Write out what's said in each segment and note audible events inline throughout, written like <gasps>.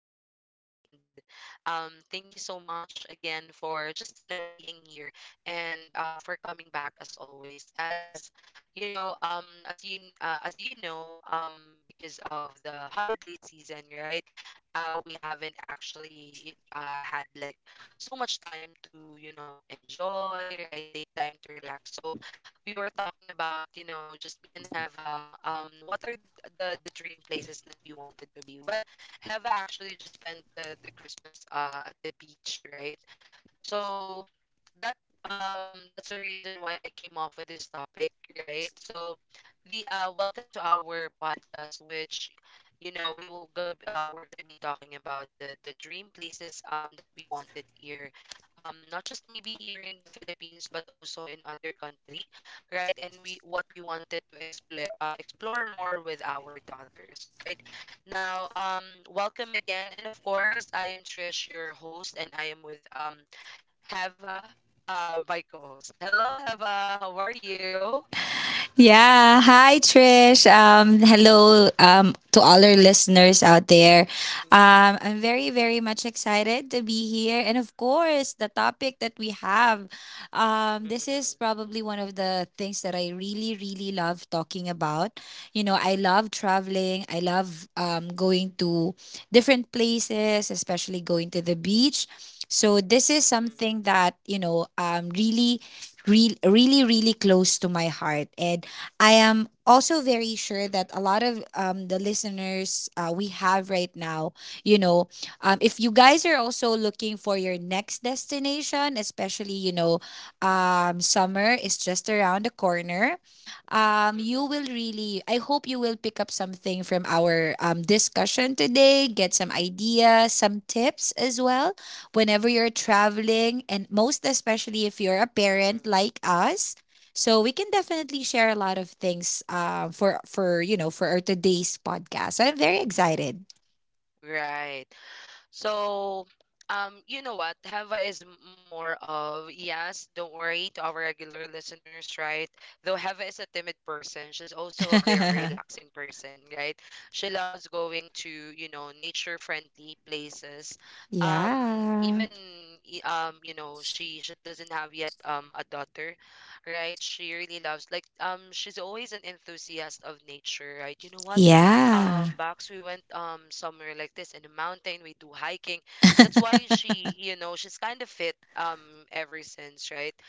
today. And thank you so much again for just, being here and for coming back as always. As you know, as you know, because of the holiday season, right? We haven't actually had like so much time to enjoy, right? Take time to relax. So we were talking about just me and Heva, what are the dream places that we wanted to be? Well, Heva actually just spent the Christmas at the beach, right? So that that's the reason why I came off with this topic, right? So the welcome to our podcast, which we're gonna be talking about the dream places that we wanted here, not just maybe here in the Philippines but also in other country, right. And we what we wanted to explore, explore more with our daughters right now. Welcome again, and of course I am Trish, your host, and I am with Heva, my co-host. Hello, Heva. How are you? Yeah. Hi, Mm, Trish. Hello, to all our listeners out there. mm, mm, I'm very, very much excited to be here. And of course, the topic that we have, mm, this is mm, probably one of the things that I really, really love talking about. You know, I mm, love mm, traveling, I love going to different places, especially going to the beach. So this mm, is mm, something that really really really close to my heart. And I am also very sure mm, that a lot of the listeners we have right now, you know if you guys are also looking for your next destination, especially summer is just around the corner. You mm, will really, I hope you will pick up something from our discussion today, get some ideas, some tips as well, whenever you're traveling, and most especially if you're a mm, mm. parent Mm. like us. So we can definitely share a lot of things for you know for our today's podcast. So I'm very excited. Right. So, you know what? Hava is more of, yes, don't worry, to our regular listeners, right? Though Hava is a timid person, she's also a very <laughs> relaxing person, right? She loves going to nature-friendly places. Um, Yeah, Even, yeah, she doesn't have yet a daughter, right? She really loves like she's always an enthusiast of nature, right? You know what? Box, we went somewhere like this in the mountain, we do hiking. That's why <laughs> she's kind of fit ever since, right.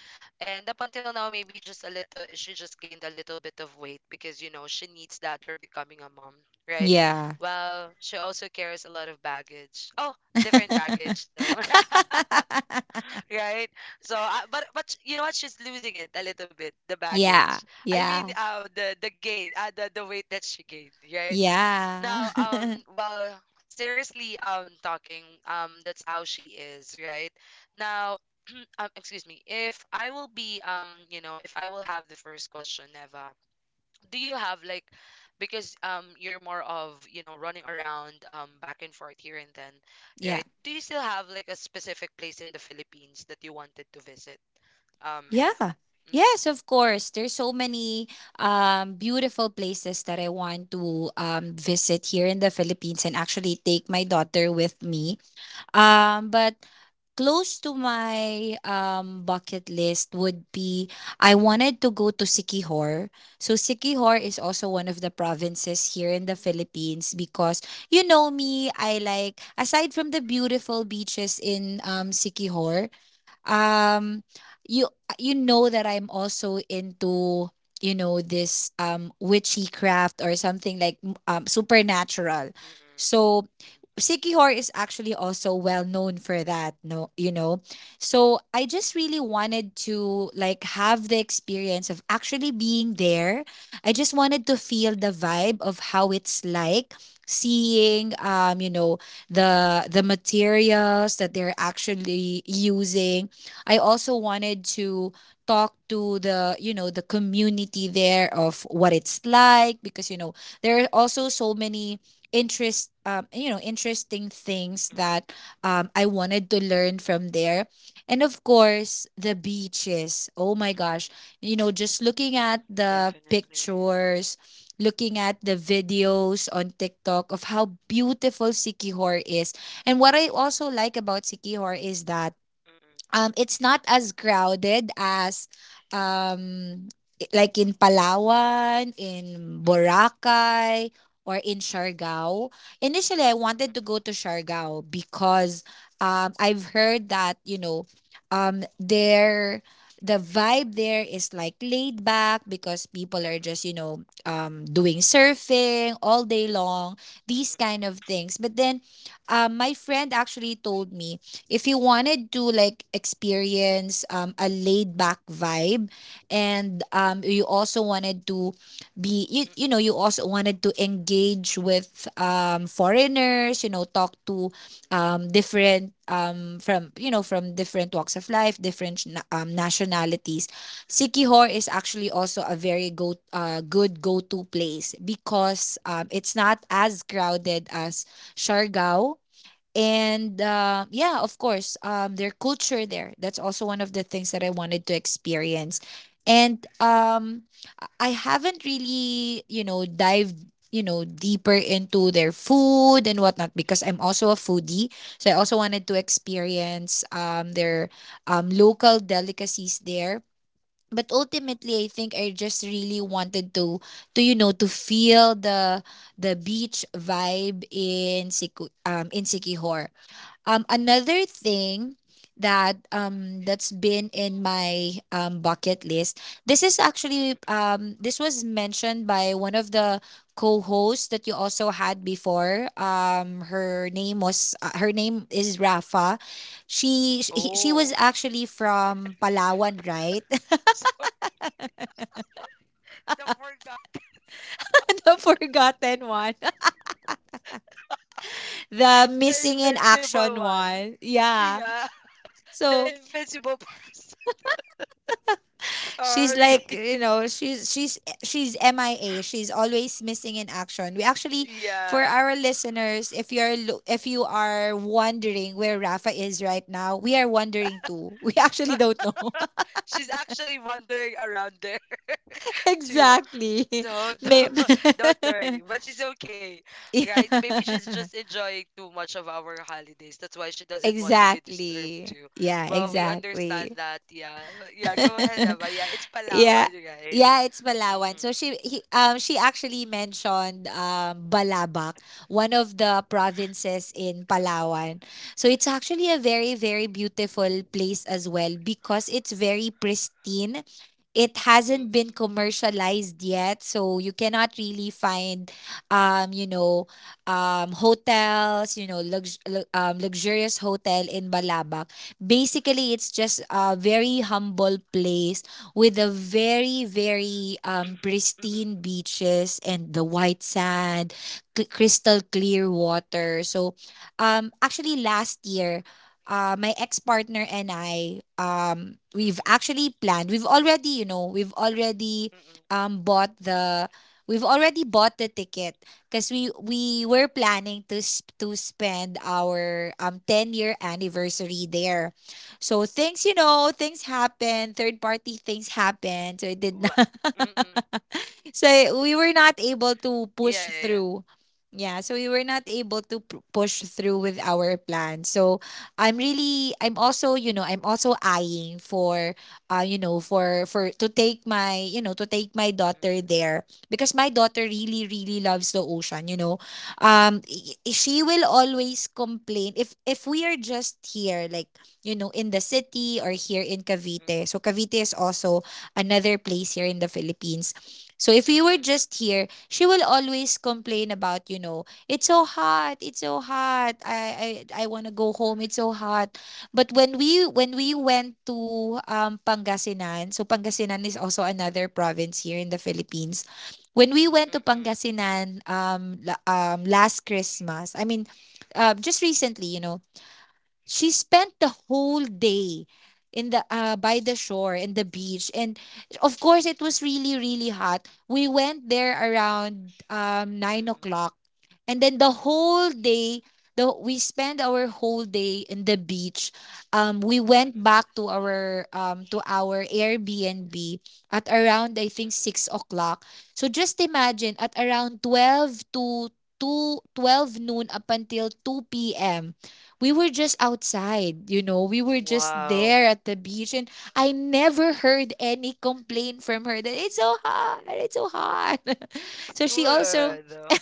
And up until now, maybe just a little, she just gained a little bit of weight, because she needs that for becoming a mom, right. yeah, Well, she also carries a lot of baggage. Oh, different baggage though. <laughs> <laughs> Right. So, but you know what, she's losing it a little bit, the yeah, baggage. I mean, yeah, the weight that she gained right yeah, now. <laughs> Well, seriously, talking, that's how she is, right? Now, <clears throat> excuse me, if I will be, you know, if I will have the first question, Neva, do you have like, because you're more of, running around, back and forth here and then, yeah. right? Do you still have like a specific place in the Philippines that you wanted to visit? Have. Yeah. Mm-hmm. Yes, of course. There's so many beautiful places that I want to visit here in the Philippines and actually take my daughter with me. But close to my bucket list would be I wanted to go to Sikihor. So Sikihor is also one of the provinces here in the Philippines. Because you know me, I like, aside from the beautiful beaches in Sikihor, um you know that I'm also into this witchy craft or something like supernatural. Mm-mm, mm-mm, So Sikihor is actually also well known for that, no, you know. So I just really wanted to like have the experience of actually being there. I just wanted to feel mm-mm, the vibe of how it's like seeing the materials that they're actually using. I also wanted to talk to the you know the community there of what it's like, because you know there are also so many interesting things mm-mm, that mm-mm, I wanted to learn from there. And of course the beaches, oh my gosh, mm-mm, you know, just looking at the definitely. pictures, looking at the videos on TikTok of how beautiful Sikihor is. And what I also like about Sikihor is that it's not as crowded as um like in Palawan, in Mm-mm, mm-mm, Boracay, or in Siargao. Initially, I wanted to go to Siargao because I've heard that, you know, there the vibe there is like laid back because people are mm-mm, just doing surfing all day long, mm-mm, these kind of mm-mm, things. But then my friend actually told me if you wanted to like experience a laid back vibe, and you also wanted to mm-mm, you mm-mm, mm-mm, know, you mm-mm, also wanted to engage with foreigners, you know, talk to different, from from different walks of life, different nationalities, Sikihor is actually also a very go good go to place, because it's not as crowded as Siargao. And yeah, of course, their culture there, that's also one of the things that I wanted to experience. And I haven't really, you know, dived, you know, deeper into their food and whatnot, because I'm also a foodie. So I also wanted to experience their local delicacies there. But ultimately I think I just really wanted to to feel the beach vibe in in Sikihor. Another thing that that's been in mm-mm, mm-mm, my mm-mm. Bucket list, this is actually Mm-mm. This was mentioned by one of the co-hosts that you also had before. Her name is Rafa. She was Oh, actually from Palawan, right? <laughs> sorry, I forgot <laughs> The forgotten one, <laughs> the the missing in action invincible one. one. Yeah. Yeah, <laughs> the So invincible person. <laughs> she's Sorry. like, you <laughs> know, she's MIA. She's always missing in action. We actually, for Yeah, our listeners, if you're if you are wondering where Rafa is right now, we are wondering too. <laughs> We actually <laughs> don't know. she's actually wandering around there <laughs> <laughs> too. Exactly. No, <laughs> May- don't <laughs> worry, but she's okay, right? Maybe she's Yeah. just enjoying too much of our holidays. That's why she doesn't want to be disturbed Exactly. too. Yeah, Well, we understand exactly. that, yeah. Yeah, go ahead, <laughs> Abba. Yeah, it's Yeah. Palawan, right? Yeah, it's Palawan. Mm-mm, So she actually mentioned Balabac, one of the provinces in Palawan. So it's actually a very very beautiful place as well, because it's very pristine. It hasn't been mm-mm, commercialized yet, so you cannot really find um you know hotels, you know, luxurious hotel in Balabac. Basically, it's just a very humble place with the very very pristine mm-mm, beaches and the white sand, crystal clear water. So actually last year, my ex-partner and I, we've mm-mm, actually planned. We've already, you know, we've already mm-mm, bought the we've mm-mm, already bought the ticket, because we were planning to to spend our 10-year year anniversary there. So things, you mm-mm. know, things happen, third party things happen. So it did Well, not. mm-mm. <laughs> <laughs> So we were not able to Yeah, push yeah, yeah. through. Yeah, so we were not able to push through with our plan. So I'm really, I'm also, you know, I'm also eyeing for to take my, you know, to take my Mm-mm, daughter there, because my daughter really really loves the ocean, you know. She will always complain if we are just here like, you know, in the city or here in mm-mm, Cavite. So Cavite is also another place here in the Philippines. So if you were mm-mm, just here, she will always complain about, you know, it's so hot, it's so hot. I want to go home. It's so hot. But when we went to Pangasinan, so Pangasinan is also another province here in the Philippines. When we went to mm-mm, Pangasinan last Christmas, I mean, just recently, you know, she spent the whole day in the by the shore in the beach. And of course it was really really hot. We went there around nine mm-mm, o'clock and then the whole day the we spent our whole day in the beach. We went mm-mm, back to our airbnb at around I think mm-mm, 6 o'clock. So just imagine at around 12 to 2 12 noon up until 2 p.m. we were just mm-mm. outside, you know, we were just Wow, there at the beach. And I never heard any complaint from her that it's so hot, it's so hot. <laughs> that's So she also good. <laughs>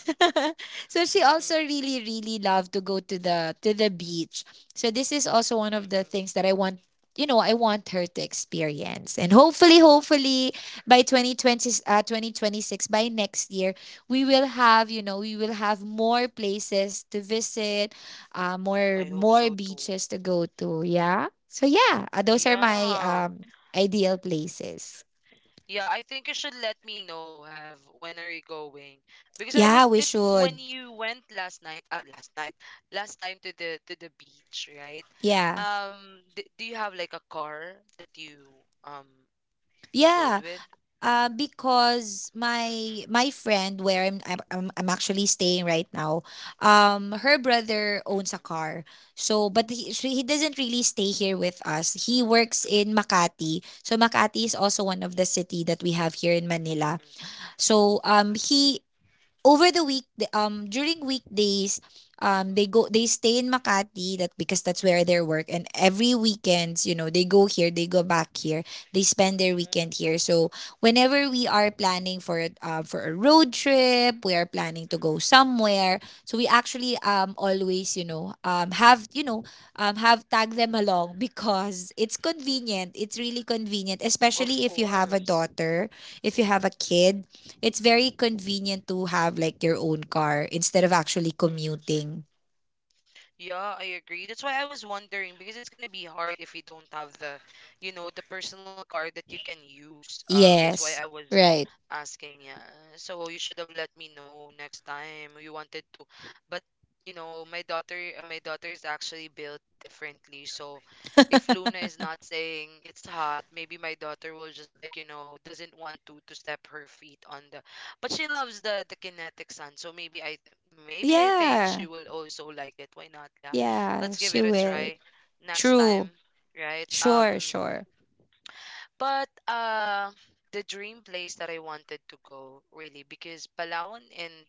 so she Mm-mm, also really really loved to go to the beach. So this is also one of the mm-mm. things that I want her to experience. And hopefully, hopefully by 2026, by next year, we will have, you know, we will have more places to visit, I hope more so too. beaches to go to. Yeah. So yeah, those are my Yeah. Ideal places. Yeah, I think you should let me know, have, when are you going? Because I Yeah, was we did when should. you went last night, last time to the beach, right? Yeah. D do you have like a car that you um rode Yeah. with? Because Mm-mm, my friend where I'm actually staying right now, her brother owns a mm-mm, car. So, but he doesn't really stay here with us. He works in Makati. So Makati is also one of the city that we have here in Manila. mm-mm, So he over the week the- during weekdays they stay in Makati, that because that's where they mm-mm. work, and every weekends you know they go back here, they spend their weekend here. Mm, So whenever we are planning for for a road trip, we are planning to go mm-mm. somewhere, so we actually always, you know, have tag them along. <laughs> Because it's convenient, it's really convenient, Of especially if you have a course. daughter, if you have a kid, Mm-mm, it's very convenient to have like your own car instead of actually mm-mm. commuting. Yeah, I agree. That's why I was wondering because it's gonna be hard if you don't have the personal card that you can use. That's why Yes. I was Right. asking, yeah. So you should have let me know next time you wanted to. But my daughter is actually built differently. So if <laughs> Luna is not saying it's hot, maybe my daughter will just like doesn't want to step her feet on the. But she loves the kinetic sun. So maybe I think Yeah. she will also like it. Why not? Yeah. Yeah, Let's give she it a will. try next time, True. right? Sure, sure. But the dream place that I wanted to go, really, because Palawan and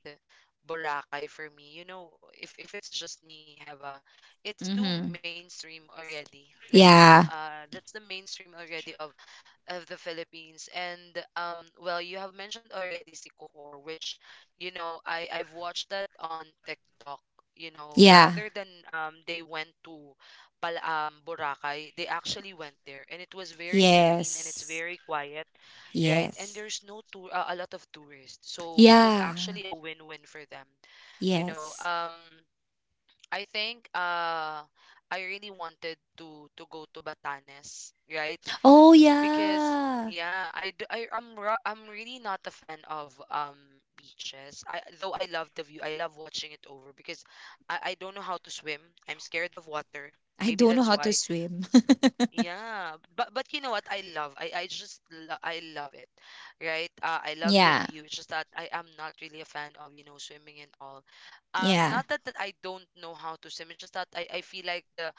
Boracay for me, if it's just me, Heva, it's too Mm-hmm. mainstream already. Like, Yeah. That's the mainstream already of the Philippines. And well, you have mentioned already si Kohor, which I've watched that on TikTok. Rather Yeah. than they went to Pal Boracay, they actually went there and it was very serene and it's Yes. very quiet, right? And Yes. there's no a lot of tourists. So it was actually Yeah. a win-win for them. You know, Yes. um I think I really wanted to go to Batanes, right? Oh, Because yeah. yeah, I, d- I am I'm ro- I'm really not a fan of beaches. I though I love the view. I love watching it over because I don't know how to swim. I'm scared of water. I Maybe don't know that's how to why. swim. Yeah, but you know what I love? I love it, right? I love the <laughs> Yeah. view. It's just that I am not really a fan of swimming and all. Yeah. Not that I don't know how to swim. It's just that I feel like the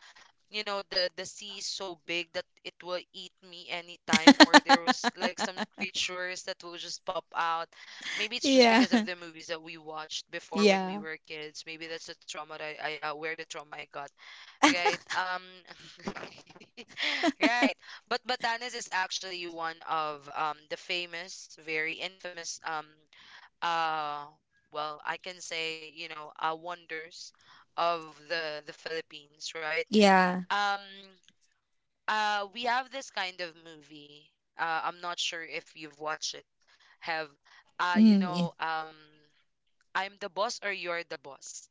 you know the sea is so big that it will eat me anytime, or <laughs> there was like some creatures that will just pop out. Maybe it's just yeah. because of the movies that we watched before when we Yeah. were kids. Maybe that's the trauma that I where the trauma I got. Right. <laughs> Right. But Batanes is actually one of the famous, very infamous uh well, I can say, wonders of the Philippines, right? Yeah. Um we have this kind of movie. I'm not sure if you've watched it. Have, uh you Mm, yeah. know, um I'm the Boss or You're the Boss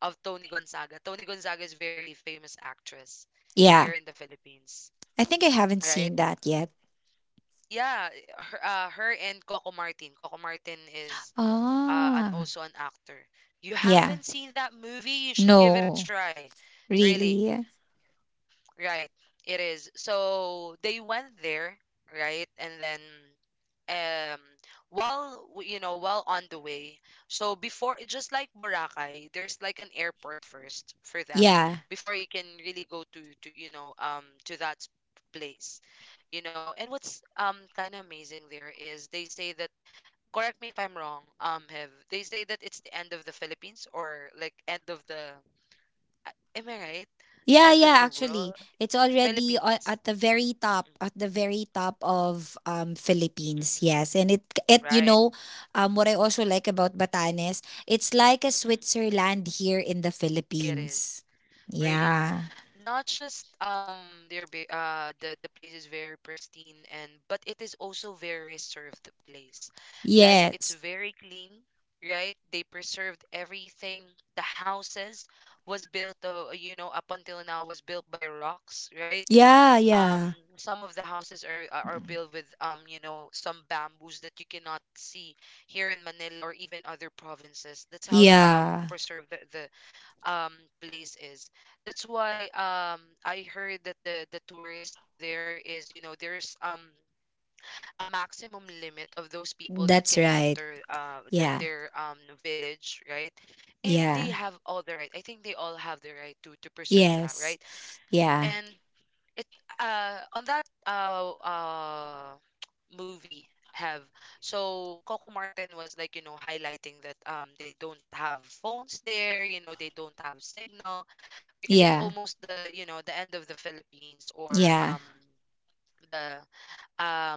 of Tony Gonzaga. Tony Gonzaga is very famous actress here Yeah. in the Philippines, I think I haven't seen right? that yet. Yeah, her and Coco Martin. Coco Martin is an Ah, also an actor. You yeah. haven't seen that movie? You should give it a No, try. Really. really. Right. It is. So they went there, right? And then um while w- you know, while on the way. So before, just like Boracay, there's like an airport first for them Yeah. before you can really go to that place. And what's kind of amazing there is they say that, correct me if I'm wrong, have, they say that it's the end of the Philippines, or like end of the uh, am I right? Yeah, End of yeah, the actually. world. It's already Philippines. at the very top, Mm-mm, at the very top of Philippines. mm-mm. Yes. And it you Right. know, what I also like about Batanes, it's like a Mm-mm. Switzerland here in the It Philippines. is really Yeah. not just the place is very pristine, and but it is also very reserved place. Like, it's Yes. very clean, right? They preserved everything. The houses was built you know up until now was built by rocks, right? Yeah, um yeah. some of the houses are built with some bamboos that you cannot see here in Manila or even other provinces. That's how Yeah. preserved the um place is. That's why I heard that the tourist there is, there's a maximum limit of those people that That's can right. enter the, Yeah. their um village, right. And they Yeah. have all the right, I think they all have the right to preserve that, right. Yes. Yeah. And it on that <tsk> movie, have, so Coco Martin was like, you know, highlighting that they don't have phones there, you know, they don't have signal, because it's Yeah. almost the, you know, the end of the Philippines, or Yeah. The um,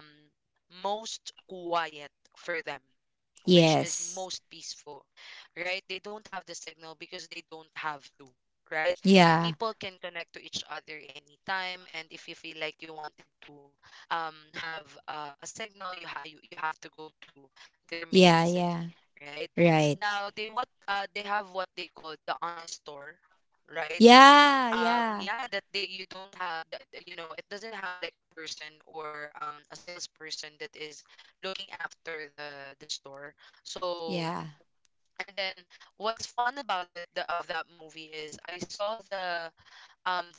most quiet for them, which is Yes. most peaceful, right? They don't have the signal because they don't have to, right? Yeah. People can connect to each other anytime, and if you feel like you wanted to um, have a signal, you, ha- you have to go to their Yeah. main Yeah. city, right? Right. Now, they have what they call the honest store, right? Yeah. Yeah. Yeah, that they, you don't have that, it doesn't have like a person or a salesperson that is looking after the store, Yeah. so. And then, what's fun about it, of that movie is I saw the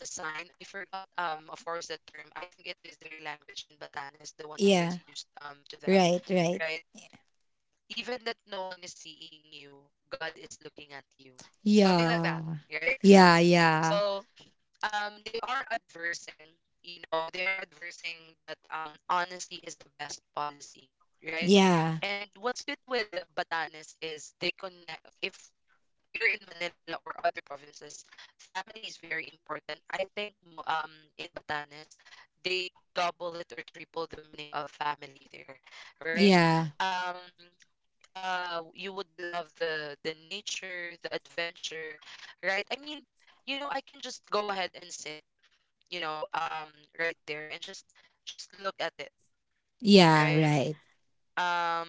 um the sign. I forgot, of course, the term. I think it is their language in Batanes, the one Yeah. that is used to Right. them, Right. right? Even that no one is seeing you, God is looking at you, something Yeah. like that, right? Yeah. Yeah. So they are adversing. They are adversing that honesty is the best policy, right. Yeah. And what's good with Batanes is they connect. If you're in Manila or other provinces, family is very important. I think in Batanes they double it or triple the meaning of family there, right. Yeah. um you would love the nature, the adventure, right? I mean, I can just go ahead and sit you know um right there and just look at it, Yeah. Right. right. um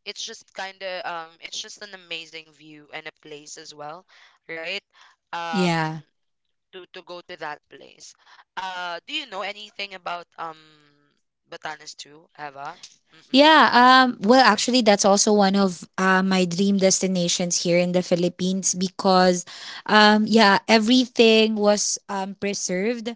it's just kind of it's just an amazing view and a place as well, right. um Yeah. to to go to that place. Do you know anything about Batanes too, Eva? Mm-mm. Yeah, well, actually, that's also one of my dream Mm-mm. destinations here in the Philippines. Because yeah, everything was preserved.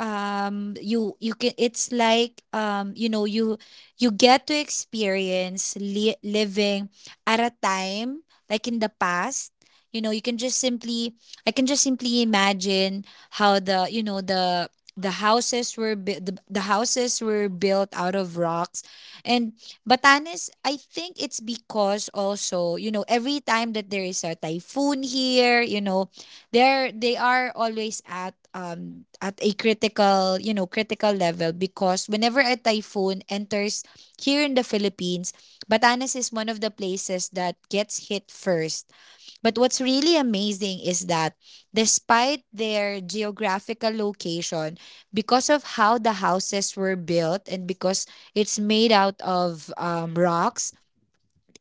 You can it's like you get to experience living at a time like in the past. You know, you can just simply I can just simply imagine how the houses were the houses were built out of rocks. And Batanes, I think it's because also, you know, every time that there is a typhoon here, you know, they are always at a critical, you know, critical level because whenever a typhoon enters here in the Philippines, Batanes is one of the places that gets hit first. But what's really amazing is that despite their geographical location, because of how the houses were built and because it's made out of Mm-mm. rocks,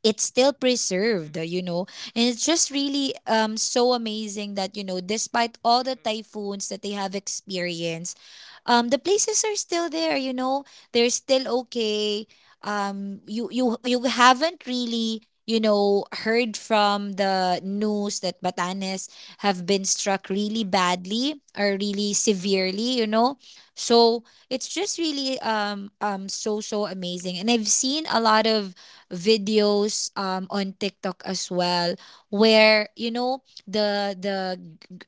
it's still Mm-mm. preserved, you know. And it's just really so amazing that, you know, despite all the Mm-mm. typhoons that they have experienced, the places are still there, you know. They're still okay. You you haven't really heard from the news that Batanes have been struck really Mm-mm. badly or really Mm-mm. severely, you know. So it's just really so amazing. And I've seen a lot of videos on TikTok as well where you know the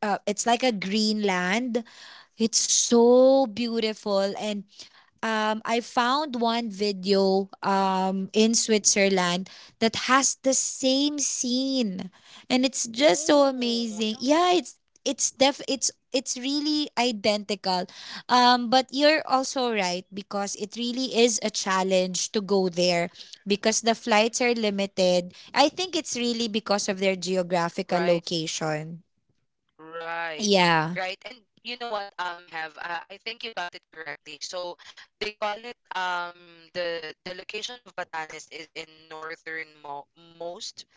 it's like a Mm-mm. green land, it's so beautiful. And I found one video in Switzerland Mm-mm. that has the same scene, and it's just so Ooh, amazing. yeah. Yeah, it's def it's really identical. But you're also right because it really is a challenge to go there because the flights are limited. I think it's really because of their Mm-mm. geographical Right. location. Right. Yeah. Right. And you know what, have I think you got it correctly. So they call it the location of Batanes is in northernmost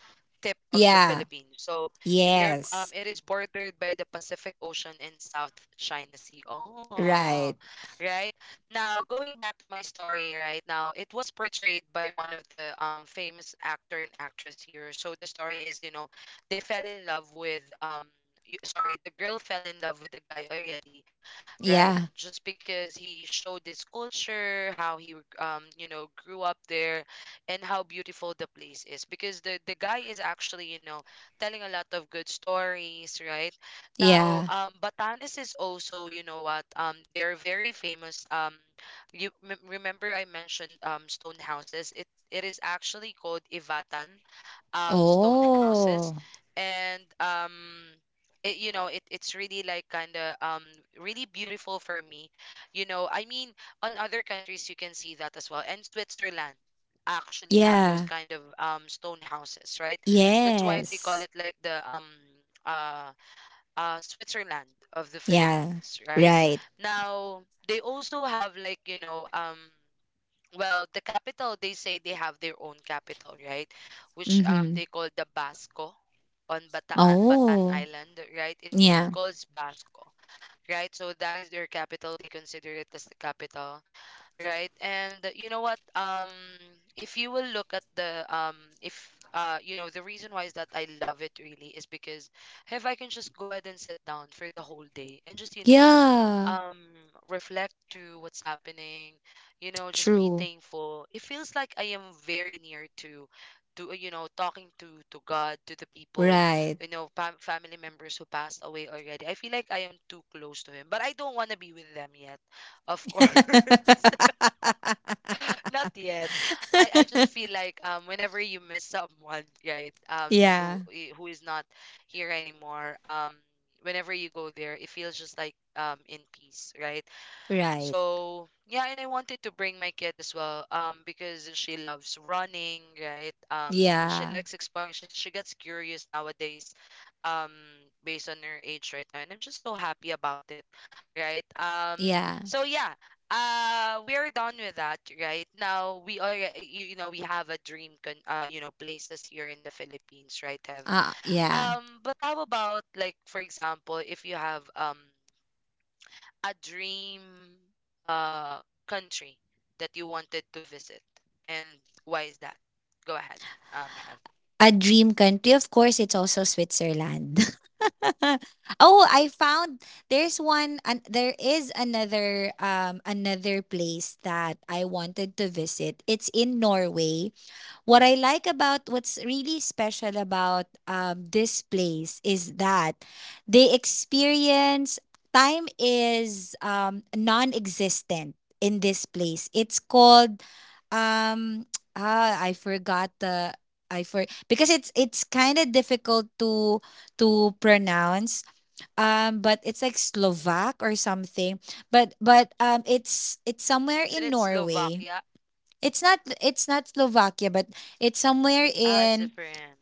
tip of the Yeah. Philippines. So there, Yes. it is bordered by the Pacific Ocean and South China Sea. Oh, Right. right. Now going back to my story, right now it was portrayed by one of the famous actor and actress here. So the story is, you know, they fell in love with. Sorry, the girl fell in love with the guy already, Yeah. right? Just because he showed his culture, how he grew up there, and how beautiful the place is because the guy is actually, telling a lot of good stories, right. Now Yeah. Batanes is also, you know what, they're very famous. Remember I mentioned stone houses? It is actually called Ivatan stone houses. Oh, And it, you know it, it's really like kind of really beautiful for me. I mean, on other countries you can see that as well, and Switzerland actually have those yeah. kind of stone houses, right. That's why they call it Yes. like the uh Switzerland of the Yeah. Philippines, right. Right. Now they also have like, you know, well, the capital, they say they have their own capital, right? Which Mm-hmm. they call the Basco on Batan Oh, Island, right? It yeah. calls Basco, right? So that is their capital. They consider it as the capital, right. And you know what, if you will look at the if you know the reason why is that I love it really is because, if I can just go ahead and sit down for the whole day and just, Yeah. um reflect to what's happening, just be True. thankful. It feels like I am very near to talking to God, to the people, Right. Family members who passed away already. I feel like I am too close to him, but I don't want to be with them yet, of course. <laughs> <laughs> Not <laughs> yet. I just feel like whenever you miss someone, right? That who yeah. Who is not here anymore, whenever you go there, it feels just like in peace, right? Right. So yeah, and I wanted to bring my kid as well, because she loves running, right? She Yeah. likes exploring. She gets curious nowadays, um, based on her age right now, and I'm just so happy about it, right? Yeah. So yeah, we are done with that right now. We are, we have a dream places here in the Philippines, right? Have Yeah. But how about, like for example, if you have a dream uh country that you wanted to visit, and why is that? Go ahead. Have A dream country, of course, it's also Switzerland. <laughs> Oh, I found there is another another place that I wanted to visit. It's in Norway. What I like, about what's really special about this place is that they experience time is non existent in this place. It's called um <tsk> ah, I forgot the I for because it's kind of difficult to pronounce. But it's like Slovak or something, but it's somewhere Isn't in it Norway. Slovakia? It's not, it's not Slovakia, but it's somewhere It's in, different.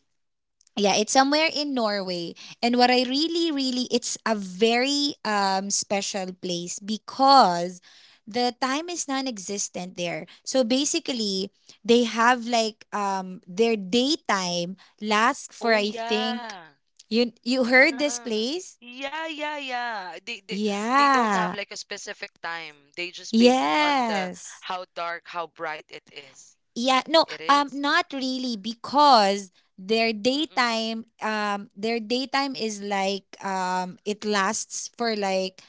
yeah, it's somewhere in Norway. And what I really really, it's a very special place because the time is non-existent there. So basically, they have like their daytime lasts for, Oh I think, yeah. you heard this Uh-uh. place? Yeah, yeah, yeah, they don't have Yeah. like a specific time. They just base it on the, Yes. how dark, how bright it is. Yeah, no, it is not really because Mm-mm. Their daytime is like it lasts for like,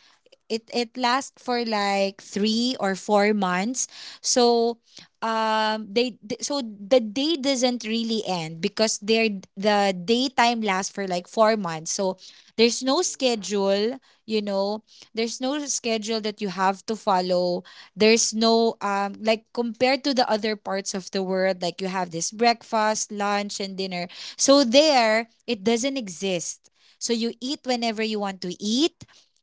it lasts for like 3 or 4 months. So, so the day doesn't really end because the daytime lasts for like 4 months. So there's no Mm-mm. schedule, you know. There's no schedule that you have to follow. There's no like, compared to the other parts of the world, like you have this breakfast, lunch, and dinner. So there, it doesn't exist. So you eat whenever you want to eat.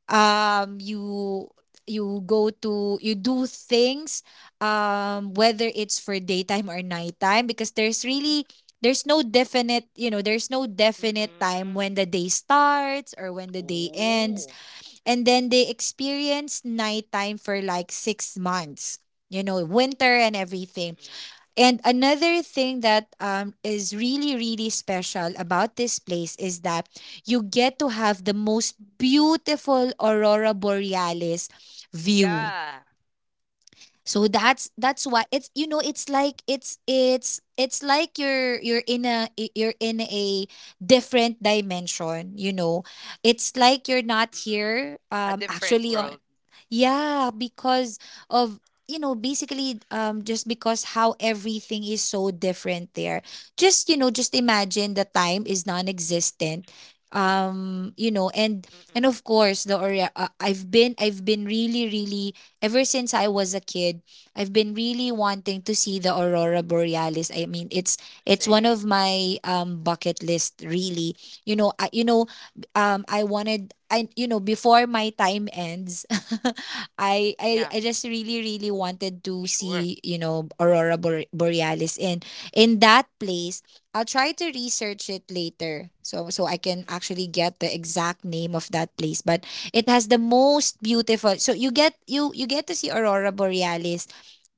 Um, you you go to, you do things whether it's for daytime or nighttime because there's really, there's no definite, you know, there's no definite time Mm-mm. when the day starts or when the day ends. Oh. And then they experienced nighttime for like 6 months, you know, winter and everything. Mm-mm. And another thing that is really, really special about this place is that you get to have the most beautiful aurora Mm-mm. borealis view. Yeah. So that's why it's, you know, it's like, it's like you're, you're in a different dimension, you know. It's like you're not Mm-mm. here A different actually on, world. yeah, because of, you know, basically just because how everything is so different there. Just, you know, just imagine, the time is non-existent. And Mm-mm. of course the I've been, really really, ever since I was a kid, I've been really wanting to see the aurora borealis. I mean, it's one of Same. my bucket list, really. You know, I wanted, before my time ends, <laughs> Yeah, I just really really wanted to sure. see, you know, aurora borealis, and in that place. I'll try to research it later so I can Mm-mm. actually get the exact name of that place, but it has the most beautiful. So you get, you get to see aurora borealis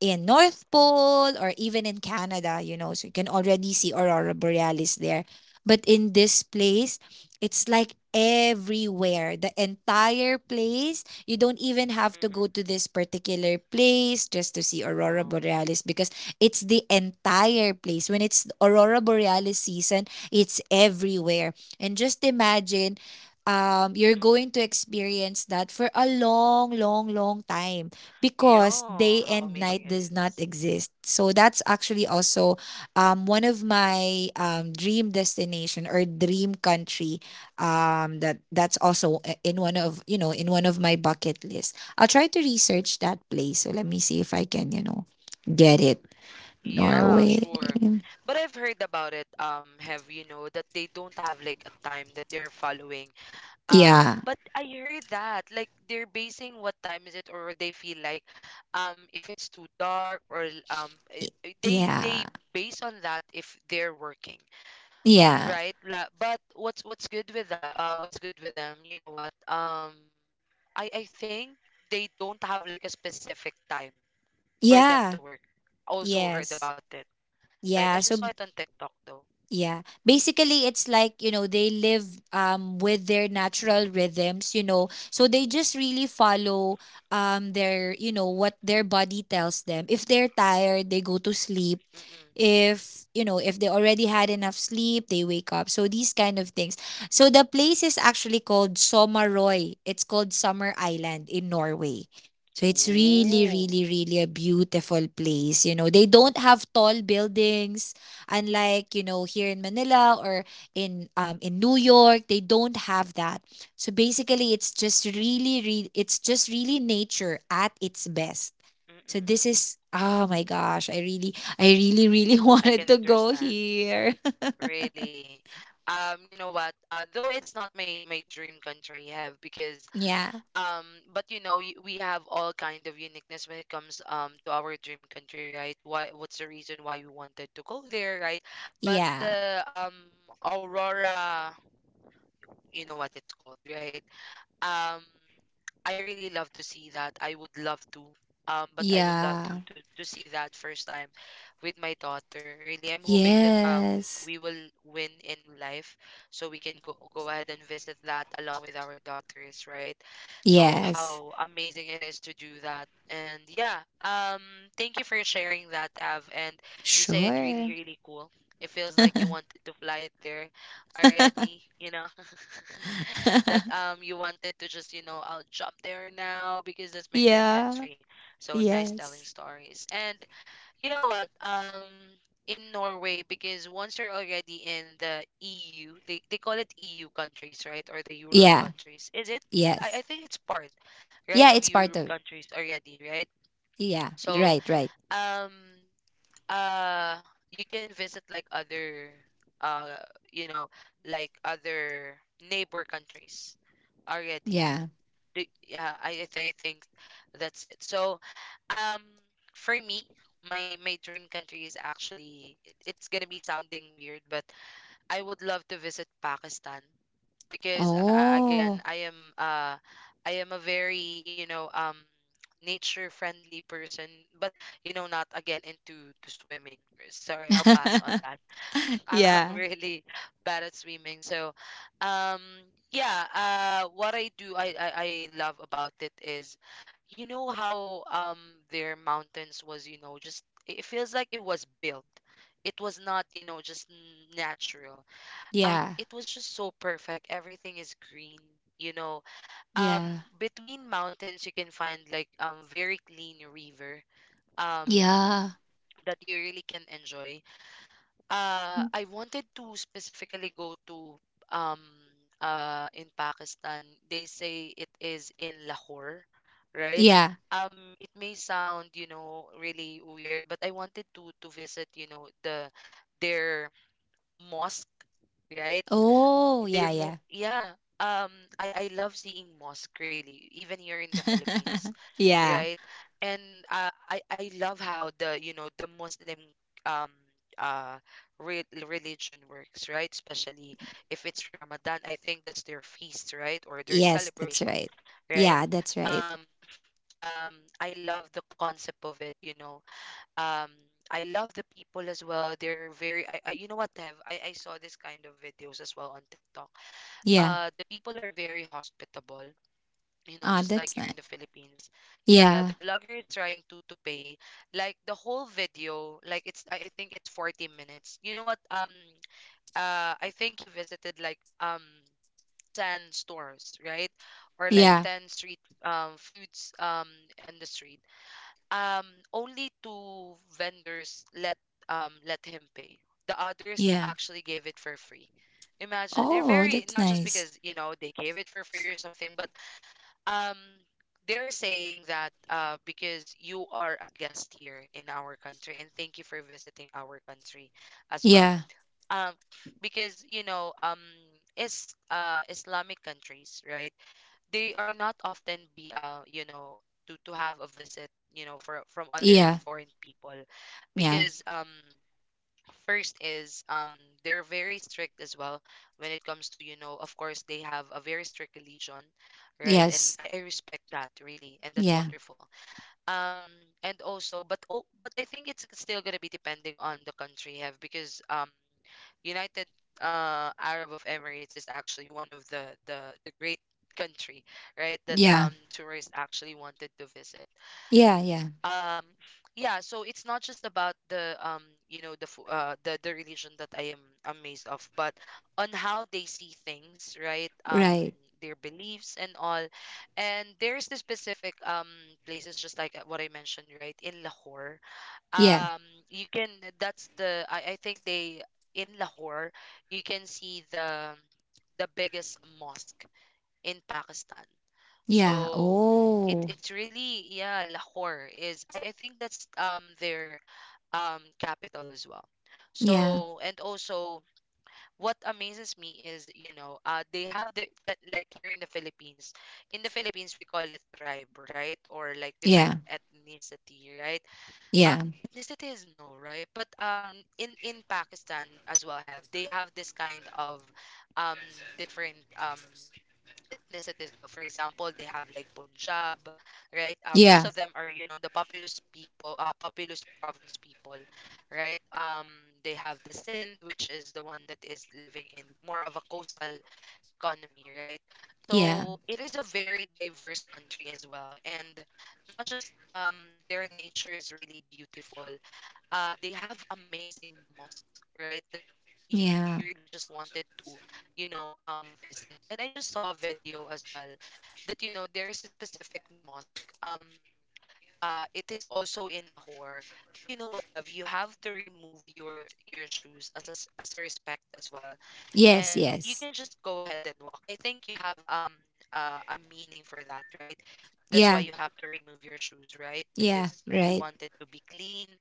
in North Pole or even in Canada, you know, so you can already see aurora Mm-mm. borealis there. But in this place, it's like everywhere, the entire place. You don't even have to go to Mm-mm. this particular place just to see aurora Wow. borealis because it's the entire place. When it's aurora borealis season, it's everywhere. And just imagine you're going Mm-mm. to experience that for a long long long time because Yeah, day how and night amazing it does not is. exist. So that's actually also Mm-mm. One of my dream destination or dream country, that that's also, in one of, you know, in one of my bucket list. I'll try to research that place, so let me see if I can, you know, get it. Yeah, Norway. sure. But I've heard about it, that they don't have like a time that they're following. Yeah. But I heard that like they're basing what time is it, or they feel like, if it's too dark, or they Yeah. they base on that if they're working. Yeah. Right, la. But what's good with that, what's good with them, you know what, I think they don't have like a specific time for them Yeah. to work. Also heard Yes. about it. Right, I Yeah. just saw So it on TikTok though. yeah, basically it's like, you know, they live with their natural rhythms, you know, so they just really follow their you know what their body tells them. If they're tired, they go to sleep. Mm-mm. If, you know, if they already had enough sleep, they wake up, so these kind of things. So the place is actually called Somaroy. It's called Summer Island in Norway. So Mm-mm. it's really Ooh. really really a beautiful place. You know, they don't have tall buildings, unlike, you know, here in Manila or in New York. They don't have that. So basically, it's just really, really, it's just really nature at its best. So Mm-mm. this is, oh my gosh, I really, I really, really <laughs> I wanted can to go understand, here. really. You know what Though it's not my dream country, have because <laughs> yeah. um but you know, we have all kind of uniqueness when it comes to our dream country, right. Why, what's the reason why we wanted to go there, right. But Yeah. the aurora, you know what it's called, right? um I really love to see that. I would love to. But I would love to Yeah. to to see that first time with my daughter. Really, I'm hoping that Yes. we will win in life, so we can go ahead and visit that along with our daughters, right? So Yes. how amazing it is to do that. And yeah, thank you for sharing that, Av. And you say it really, Sure. really cool. It feels like you wanted to fly it there <laughs> already. <laughs> <laughs> That you wanted to just, I'll jump there now because that's my dream yeah. country. So nice telling Yes. stories. And you know what? In Norway, because once you're already in the EU, they call it EU countries, right? Or the Europe Yeah. countries. Is it? I, Yes. I think it's part, right, Yeah, of it's part Europe of. countries already, right? Yeah. So Right, right. um uh you can visit like other, uh you know, like other neighbor countries already. Yeah. Yeah, I think that's it. So um for me, my dream country is actually, it's gonna be sounding weird, but I would love to visit Pakistan, because again, Oh. Uh I am a very, you know, nature friendly person. But you know, not again into to swimming. Sorry, I'll pass on that. <laughs> <laughs> I'm yeah. really bad at swimming, so. um yeah. What I do I love about it is, you know how their mountains was, you know, just, it feels like it was built, it was not, you know, just natural. Yeah. It was just so perfect, everything is green, you know. um Yeah. Between mountains you can find like very clean river um Yeah. that you really can enjoy. I wanted to specifically go to, um in Pakistan, they say it is in Lahore, right. Yeah. um it may sound, you know, really weird, but I wanted to visit, their mosque, right. Oh, yeah, they're yeah. mo Yeah. Um, I love seeing mosque really, even here in the Philippines, <laughs> yeah. right? And I love how the you know the Muslim um uh re religion works, right? Especially if it's Ramadan, I think that's their feast, right? Or their Yes, that's celebration, right. right? Yeah, that's right. Um, um, I love the concept of it, you know. Um, I love the people as well. They're very, I you know what, Tev? I saw this kind of videos as well on TikTok. Yeah. The people are very hospitable, you know, Ah, just like that's you're nice. in the Philippines. Yeah, Yeah. the vlogger is trying to pay, like the whole video, like it's I think it's 40 minutes, you know what. I think he visited like 10 stores, right, or like Yeah. 10 street foods on the street. um, Only two vendors let, let him pay. The others Yeah. actually gave it for free. Imagine they're Oh, very that's not just nice. because you know they gave it for free or something, but um they're saying that because you are a guest here in our country and thank you for visiting our country as well. Yeah. Um because you know um is Islamic countries, right? They are not often be to have a visit, you know, for from other Yeah. foreign people Yeah. because first is they're very strict as well when it comes to, you know, of course they have a very strict religion, right? And Yes. I respect that really, and that's Yeah. wonderful. Um and also but oh, but I think it's still going to be depending on the country have because united arab of emirates is actually one of the great country, right, that Yeah. Tourists actually wanted to visit. Yeah. Yeah. um yeah, so it's not just about the you know, the religion that I am amazed of, but on how they see things, right? Right. Their beliefs and all. And there's the specific places just like what I mentioned, right, in Lahore. Yeah. um you can, that's the I think they in Lahore you can see the biggest mosque in Pakistan. Yeah. So it Oh. it's really, yeah, Lahore is I think that's their capital as well. Yeah. So and also what amazes me is, you know, they have the like here in the Philippines we call it tribe, right? Or like different Yeah. ethnicity, right? Uh Yeah. ethnicity is no, right? But in Pakistan as well have they have this kind of um different ethnicity as well. For example, they have like Punjab, right? Yeah. Most of them are, you know, the populous people, populous province people, right? They have the Sindh, which is the one that is living in more of a coastal economy, right? Yeah. So it is a very diverse country as well, and not just their nature is really beautiful, they have amazing mosques, right, that Yeah. you really just wanted to, you know, visit. And I just saw a video as well that, you know, there is a specific mosque, um it is also in Lahore, that, you know what, have you have to remove your shoes as a, as a respect as well, Yes. and you Yes. can just go ahead and walk. I think you have a meaning for that, right? That's why Yeah. you have to remove your shoes, right? Yeah. Because you Right. want it to be clean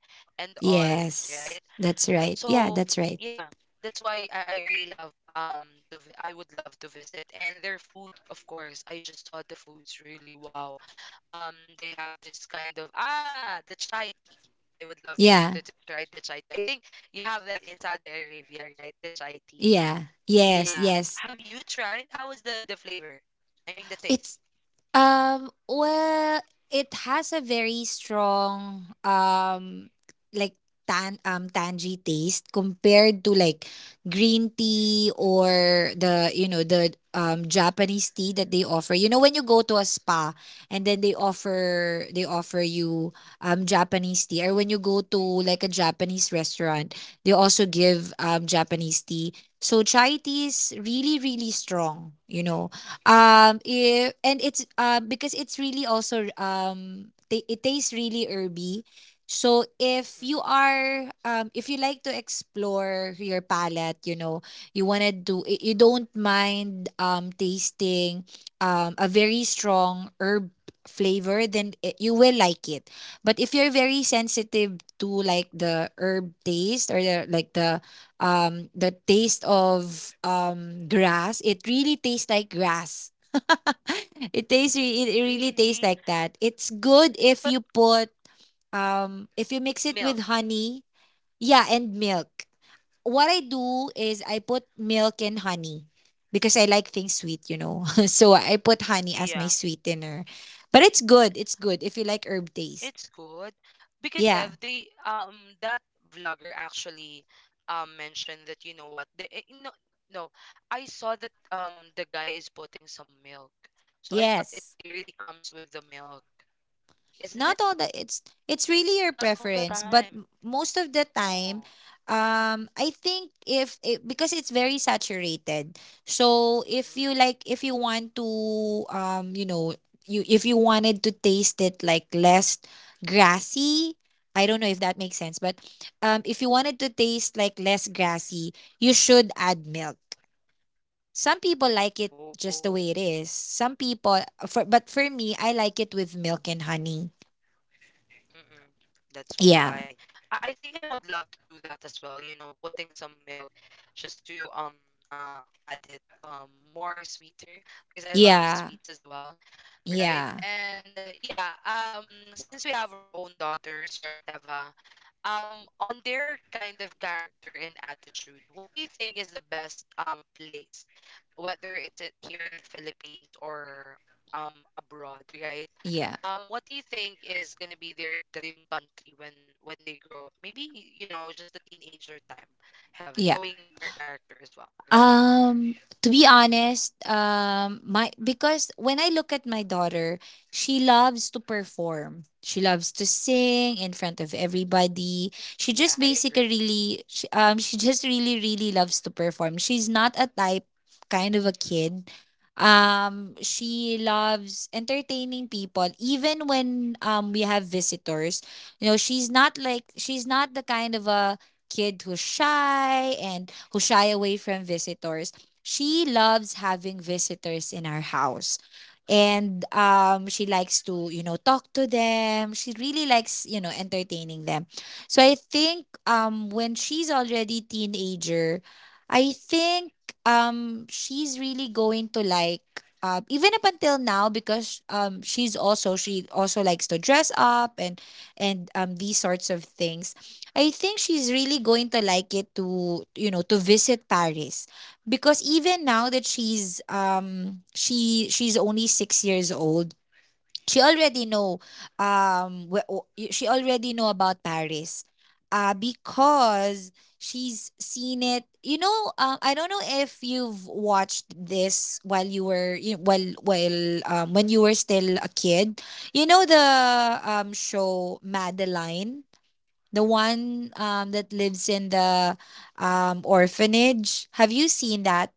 and all, Yes. right? That's right. Yeah. So That's right. yeah, that's why I really love to I would love to visit, and their foods, of course. I just saw the foods, really wow. They have this kind of the chai tea. I would love to, Yeah. Try the chai tea. I think you have that in Saudi Arabia, right? The chai tea. Yeah. Yes. Yeah. Yes. Have you tried? How was the flavor? I mean the It's, taste. Well, it has a very strong like tangy taste compared to like green tea or the you know the Japanese tea that they offer. You know, when you go to a spa and then they Mm-mm, offer, they offer you Japanese tea, or when you go to like a Japanese restaurant, they also give Japanese tea. So chai tea is really really strong, you know. If, And it's because it's really also ta it tastes really herby. So if mm-mm. you are if you like to explore your palate, you know, you wanna do, you don't mind tasting a very strong herb flavor, then you will like it. But if you're very sensitive to like the herb taste, or the like the taste of grass, it really tastes like grass. <laughs> It tastes it really Really? tastes like that. It's good But if you put if you mix milk. it with honey, yeah, and milk. What I do is I put milk and honey because I like things sweet, you know. <laughs> So I put honey Yeah, as my sweetener. But it's good, it's good if you like herb it's taste. good because have they Yeah. That vlogger actually mentioned that, you know what, the eh, no no I saw that the guy is putting some milk, so I thought it Yes. really comes with the milk, isn't it? Not all the, it's Not really your all the time. preference, but, most of the Oh. time, I think if it, because it's very saturated, so Mm. if you like, if you want to, um, you know, you, if you wanted to taste it like less grassy, I don't know if that makes sense, but if you wanted to taste like less grassy, you should add milk. Some people like Oh, it oh. just the way it is. Some people, for but for me, I like it with milk and honey. Mm-mm. That's why Yeah. I think I would love to do that as well. You know, putting some milk just to add it more sweeter because I love Yeah. sweets as well, right? Yeah. And yeah, since we have our own daughters, right, Ava, um, on their kind of character and attitude, what do you think is the best place, whether it's here in the Philippines or abroad, right? Yeah. What do you think is gonna be their dream country when they grow up? Maybe, you know, just the teenager time, have Yeah. knowing their character as well. Go ahead. Mhm. Um to be honest, my, because when I look at my daughter, she loves to perform. She loves to sing in front of everybody. She just Yeah, I basically agree. really she just really really loves to perform. She's not a type kind of a kid. She loves entertaining people even when we have visitors. You know, she's not like, she's not the kind of a kid who's shy and who shy away from visitors. She loves having visitors in our house. And she likes to, you know, talk to them. She really likes, you know, entertaining them. So I think when she's already teenager, I think she's really going to like even up until now because she also likes to dress up and and these sorts of things. I think she's really going to like it to to visit Paris because even now that she's only 6 years old she already know wh- o- y- she already know about Paris because she's seen it you know I don't know if you've watched this while you were you while when you were still a kid you know the show Madeline, the one that lives in the orphanage. Have you seen that?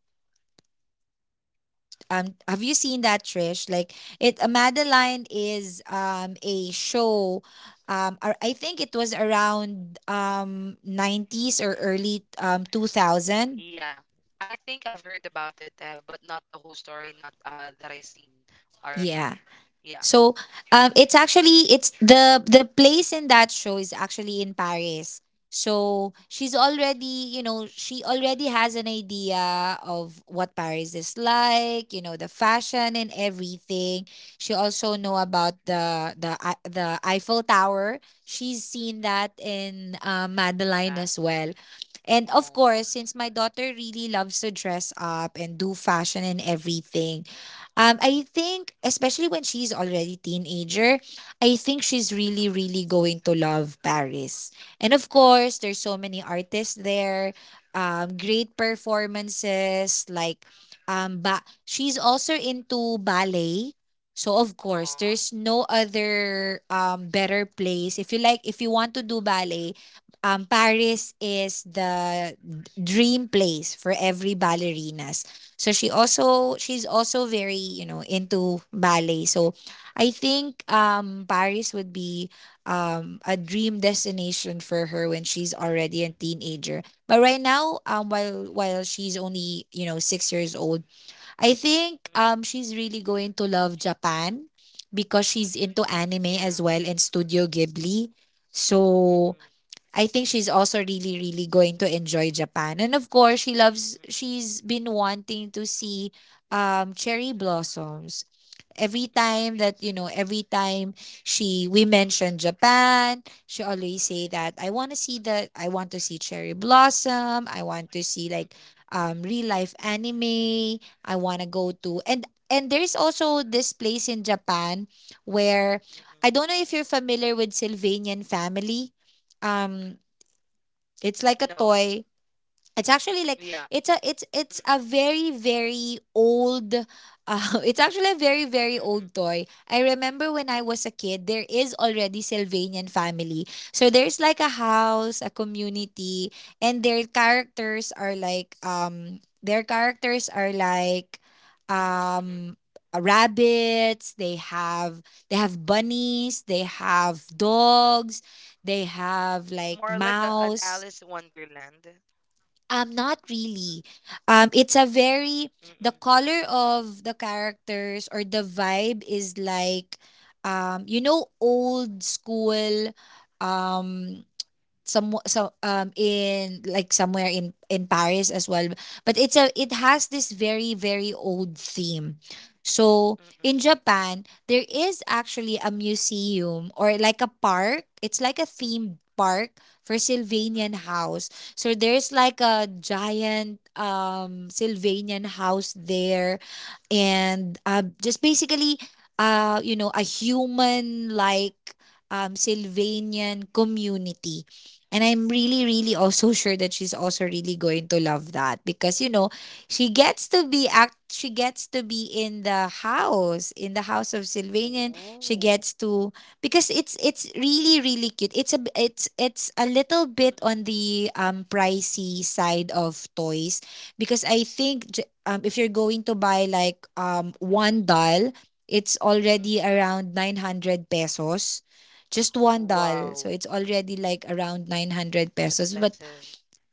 Have you seen that, Trish? Like it Madeline is a show I think it was around Oh, sorry. '90s or Mm-mm. early 2000. Yeah. I think I've heard about it, Ev, but not the whole story, not that I seen Yeah. already. Yeah. So it's actually it's the place in that show is actually in Paris. So she's already, you know, she already has an idea of what Paris is like, you know, the fashion and everything. She also know about the Eiffel Tower. She's seen that in Madeline Yeah. as well. And of course, Oh. since my daughter really loves to dress up and do fashion and everything, I think, especially when she's already teenager, I think she's really, really going to love Paris. And of course, there's so many artists there, great performances. Like, but she's also into ballet. So of course, Aw. there's no other better place. If you like, if you want to do ballet, Paris is the dream place for every ballerinas. So Mm-mm. She's also very, you know, into ballet. So I think Paris would be a dream destination for her when she's already a teenager. But right now, while she's only, you know, 6 years old, I think Mm-mm. She's really going to love Japan because she's into Yeah. anime as well and Studio Ghibli. Mm-mm. So I think she's also really, really going to enjoy Japan. And of course, Mm-mm. she's been wanting to see cherry blossoms. Every Mm-mm. time that, you know, every time we mention Japan, she Mm-mm. always say that, I want to see the, I want to see cherry blossom. I want to see like Mm-mm. Real life anime. I want to go to, and there's also this place in Japan where Mm-mm. I don't know if you're familiar with Sylvanian family. Um, it's like a No. toy. It's actually like Yeah. It's Mm-mm. a very very old <laughs> it's actually a very very Mm-mm. old toy. I remember when I was a kid there is already Sylvanian family. So there's like a house, a community and their characters are like Mm-mm. Mm-mm. um rabbits, they have bunnies, they have dogs, they have More like like a, an Alice mouse. Wonderland. Not really. It's a very, Mm-mm. the color of the characters or the vibe is like, you know, old school, um, some so in like somewhere in Paris as well, but it has this very very old theme. So Mm-mm. in Japan there is actually a museum or like a park, it's like a themed park for Mm-mm. Sylvanian house, so there's like a giant Sylvanian house there, and just basically you know a human like Sylvanian community. And I'm really, really Mm. also sure that she's also really going to love that because you know she gets to be act. She gets to be in the house of Sylvanian. Ooh. She gets to because it's really really cute. It's a little Mm-mm. bit on the pricey side of toys because I think if you're going to buy like one doll, it's Mm-mm. already around 900 pesos, just one Wow. doll. So it's already like around It's 900 pesos. But expensive.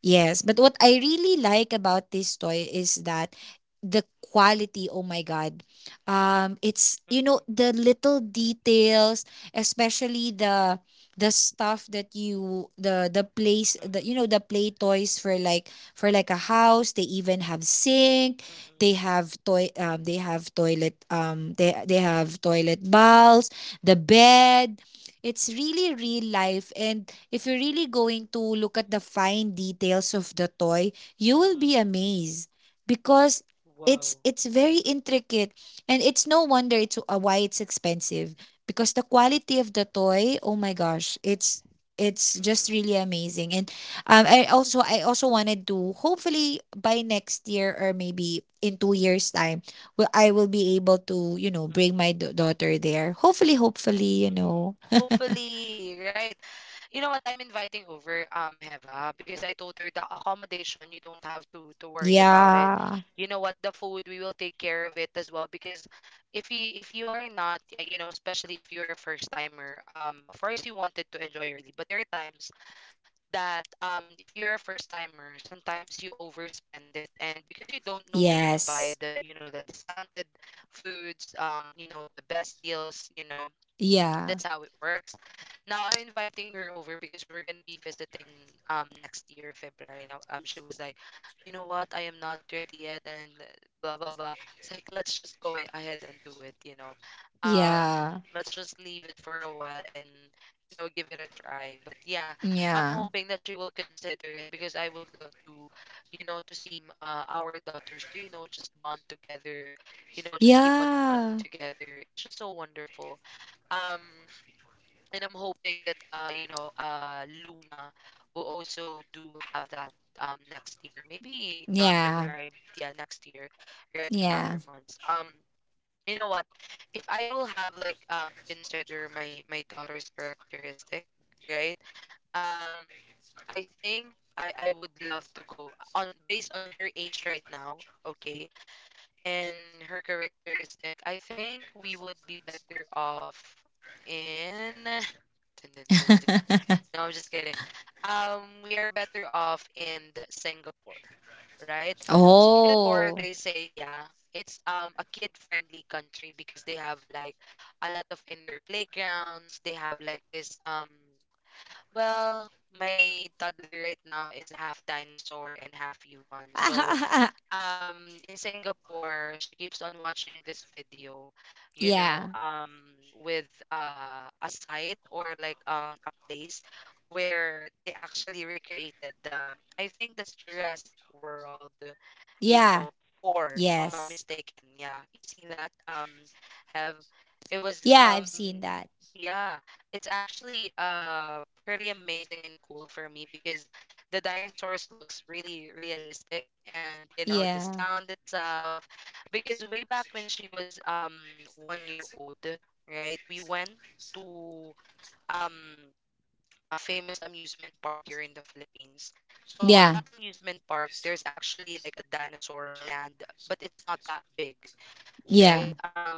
yes, but what I really like about this toy is that the quality, oh my God. It's you Mm-mm. know the little details, especially the stuff that you the place, Mm-mm, the you know the play toys for like, for like a house. They even have sink, mm-mm, they have toy they have toilet they have toilet bowls, the bed. It's really real life. And if you're really going to look at the fine details of the toy, you mm-mm. will be amazed because Wow. It's Mm-mm, very intricate, and it's no wonder it's why it's expensive because the quality of the toy, oh my gosh, it's mm-mm, just really amazing. And I also wanted to, hopefully by next year or maybe in 2 years time, will I will be able to you know mm-mm, bring my daughter there. Hopefully, hopefully, mm-mm. you know. Hopefully, right? You know what? I'm inviting over Heva because I told her the accommodation you don't have to worry about it. You Yeah. know what? The food we will take care of it as well because if you are not you know, especially if you're a first timer, of course you wanted to enjoy really, but there are times that if you're a first timer sometimes you overspend it, and because you don't know where to buy Yes. the, you know, the discounted foods, you know, the best deals, you know, Yeah. that's how it works. Now I'm inviting her over because we're gonna be visiting next year February. Now she was like, you know what, I am not ready yet, and then blah blah blah. It's like let's just ahead and do it. You know, um Yeah. let's just leave it for a while and, you know, give it a try. But yeah, I'm Yeah. hoping that she will consider it because I would love to, you know, to see our daughters to, you know, just bond together, you know, just keep on running Yeah. together. It's just so wonderful. Um, and I'm hoping that you know Luna will also do have that next year. Maybe not Yeah. February, but yeah, next year, right on Yeah. other months. You know what? If I will have like consider my daughter's characteristic, right? Um I think I would love to go on based on her age right now, okay? And her characteristic, I think we would be better off in. <sighs> Dun, dun, dun, dun. <laughs> No, I'm just kidding. We are better off in the Singapore, right? Singapore, Oh. they say, yeah, it's a kid-friendly country because they have like a lot of indoor playgrounds. They have like this <tsk> well, my toddler right now is half dinosaur and half human, so <laughs> in Singapore she keeps on watching this video, you know, yeah. With a site or like a place where they actually recreated the I think that's Jurassic World, you Yeah. know, 4, if I'm not Yes. mistaken. Yeah, you seen that? Have it was Yeah, I've seen that. yeah, it's actually pretty amazing and cool for me because the dinosaurs looks really realistic and you know the Yeah. sound itself. Because way back when she was 1 year old, right? We went to um a famous amusement park here in the Philippines. So on Yeah. that amusement park, there's actually like a dinosaur land, but it's not that big, right? Yeah.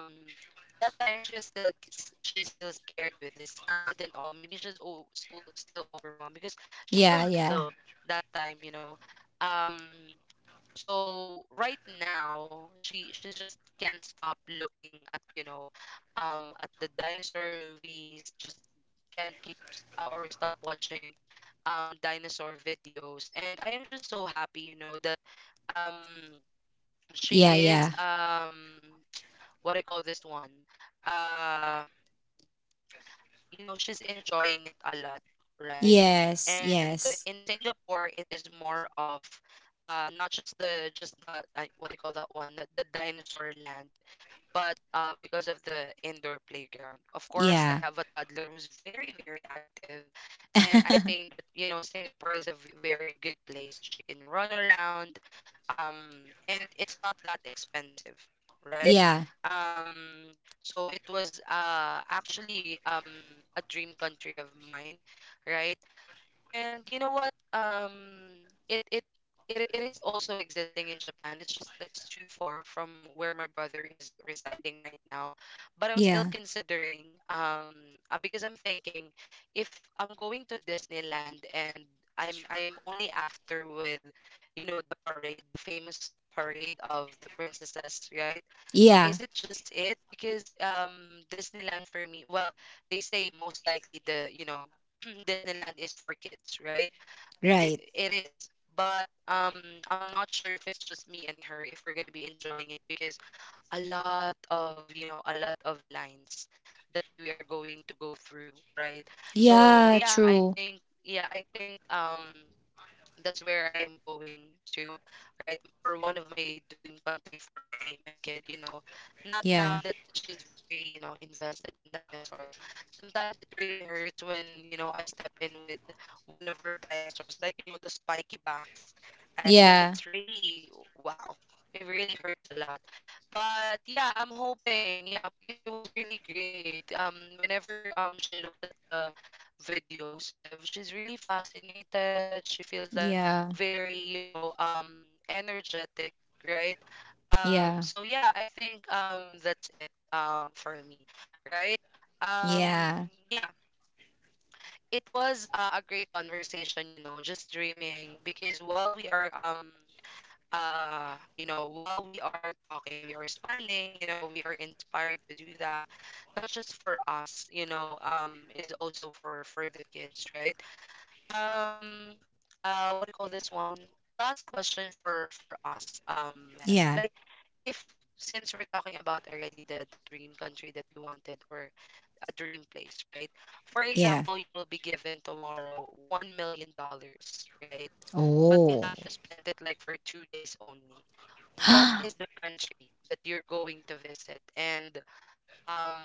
That time she was still, she's still scared with the sound and all. Maybe she's still overwhelmed because she's still Yeah. Yeah. little that time, you know. Um, so right now, she just can't stop looking at, you know, at the dinosaur movies. Just can't keep or stop watching, dinosaur videos. And I am just so happy, you know, that, um, Yeah. she is Yeah. <tsk> What do you call this one? Uh, you know she's enjoying it a lot, right? Yes. And Yes. in Singapore it is more of not just the just not what do you call that one, the dinosaur land, but because of the indoor playground, of course I Yeah. have a toddler who's very very active, and I think <laughs> that, you know, Singapore is a very good place she can run around, um and it's not that expensive, right? yeah. um so it was actually a dream country of mine, right? And you know what? It it it is also existing in Japan. It's just that it's too far from where my brother is residing right now. But I'm still Yeah. considering because I'm thinking if I'm going to Disneyland and I am only after with, you know, the parade, the famous parade of the princesses, right? Yeah. Is it just it? Because Disneyland for me, well, they say most likely the, you know, <clears throat> Disneyland is for kids, right? They, Right. it is. But I'm not sure if it's just me and her if we're going to be enjoying it because a lot of, you know, a lot of lines that we are going to go through, right? So, Yeah. True. Yeah, I think that's where I am going to, right? Or one of my dream country for my kid, you know. Not now Yeah. that she's very, you know, invested in dinosaurs. Sometimes it really hurts when, you know, I step in with one of her dinosaurs, like, you know, the spiky backs. I it, Yeah. it's really wow. It really hurts a lot. But yeah, I'm hoping. Yeah, because it was really great. Whenever she looks at the videos have, she's really fascinated. She feels like Yeah. very, you know, energetic, right? Yeah. So yeah, I think that's it for me, right? Um, Yeah. yeah, it was a great conversation, just dreaming because while we are while we are talking, we are smiling. We are inspired to do that, not just for us, is also for the kids, right? um what do you call this one? Last question for us, Mev. Yeah. Like, if since we're talking about already the dream country that we wanted, or a dream place, right? For Yeah. example, you will be given tomorrow $1 million, right? But you Oh. have to spend it like for 2 days only. What is the <gasps> country that you're going to visit? And um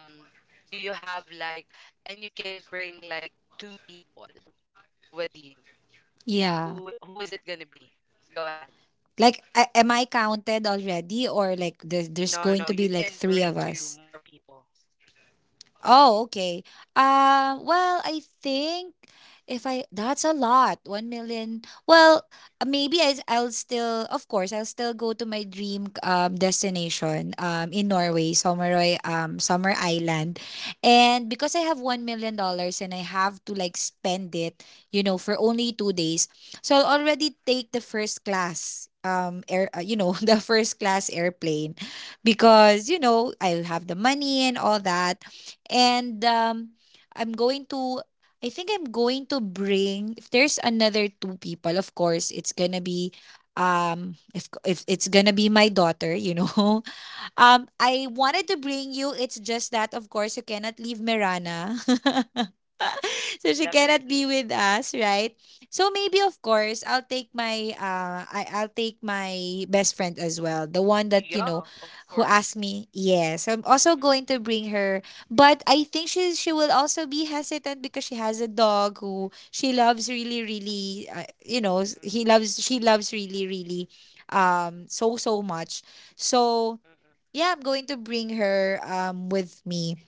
do you have like, and you can bring like two people with you. yeah. Who is it gonna be? Go ahead. Like, am I counted already, or like there's No, no, going no. to be You like can three of bring two us? more people. Oh, okay. Well, I think if I, that's a lot, 1 million. Well, maybe I'll still, of course, I'll still go to my dream destination in Norway, Someroy Summer Island. And because I have 1 million dollars and I have to like spend it, you know, for only 2 days. So I'll already take the first class air you know, <laughs> the first class airplane because you know, I'll have the money and all that. And I'm going to, I think I'm going to bring, if there's another two people, of course, it's gonna be, if it's gonna be my daughter, you know, <laughs> I wanted to bring you. It's just that, of course, you cannot leave Mirana. <laughs> So she cannot be Definitely. with us, right? So maybe of course I'll take my I'll take my best friend as well. The one that, you know, Yeah, of who asked course. me, yes. I'm also Mm-mm, going to bring her. But I think she will also be hesitant because she has a dog who she loves really, really you know, s- he mm-mm, loves she loves really, really so so much. So mm-mm, yeah, I'm going to bring her with me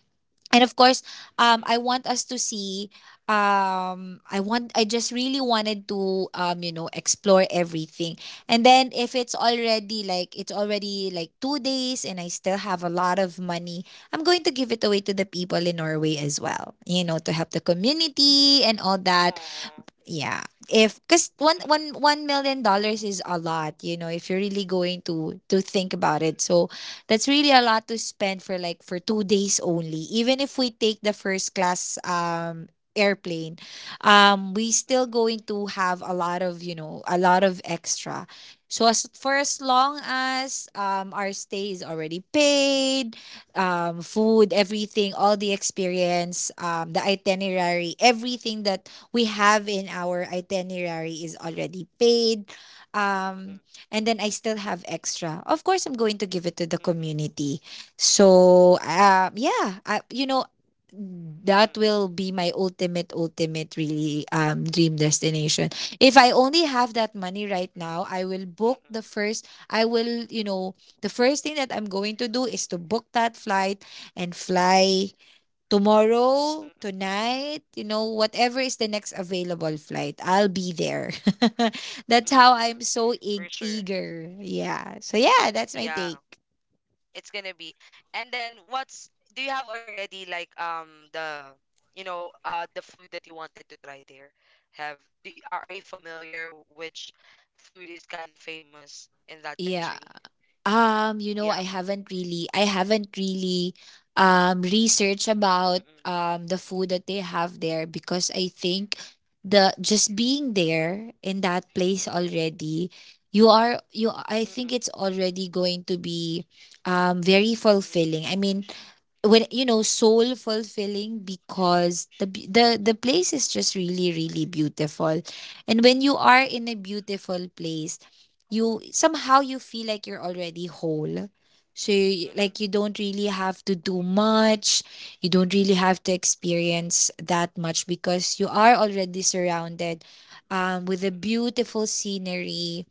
and of course mm-mm, um i want us to see I want, I just really wanted to you know explore everything. And then if it's already like it's already like 2 days and I mm-mm, still have a lot of money, I'm going to give it away to the people in Norway as well, you know, to help the mm-mm. community and all that. Aw, Yeah. If because mm-mm, one million dollars is a lot, you know, if you're really going to think about it. So that's really a lot to spend for like for 2 days only. Even if we take the first class airplane, we still mm-mm, going to have a lot of, you know, a lot of extra. So as for as long as our stay is already paid, food, everything, all the experience, the itinerary, everything that we have in our itinerary is already paid. mm-mm, mm-mm, Um, and then I still have extra. Of course, I'm going to give it to the community. So, yeah, you know, mm-mm, that will be my ultimate, ultimate, really dream destination. If I only have that money right now, mm-mm, mm-mm, I will, you know, the first thing that I'm going to do is to book that flight and fly tomorrow, tonight, you know, whatever is the next available flight, I'll be there. <laughs> That's how mm-mm. I'm so For sure. eager. Yeah. So yeah, that's my Yeah. take. It's gonna be, and then what's, do you have already like, the the food that you wanted to try there? Have, do, are, you familiar which food is kind of famous in that Yeah. country? You Yeah, know, I haven't really researched about mm-mm, the food that they have there because I think the, just being mm-mm, there in that place already, you are you I mm-mm, think it's already going to be very mm-mm, fulfilling. I mean, when you know, soul fulfilling, because the mm-mm, place is just really really beautiful. And when you are in a beautiful place, you somehow, you feel like you're already whole, so you, mm-mm, like, you don't really have to do much, you don't really have to experience that much because you are already surrounded with a mm-mm, beautiful scenery.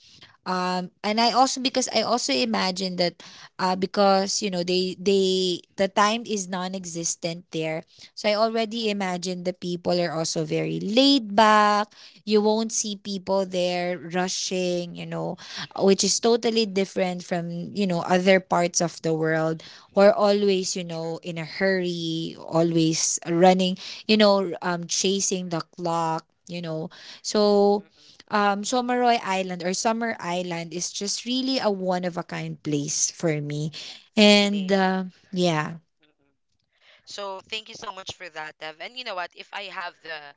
And I also because I also imagine that, because you know they, the time is non-existent there, so I already imagine mm-mm. the people are also very laid back. You won't see people there rushing, you know, which is totally different from, you know, other parts of the world. We're always, you know, True. in a hurry, always running, you know, chasing the clock, you know. So Mm-mm. Someroy Island or Summer Island is just really a one of a kind place for me. And Really. Yeah. <laughs> Mm-mm. So thank you so much for that, Dev. And you know what, if I have the,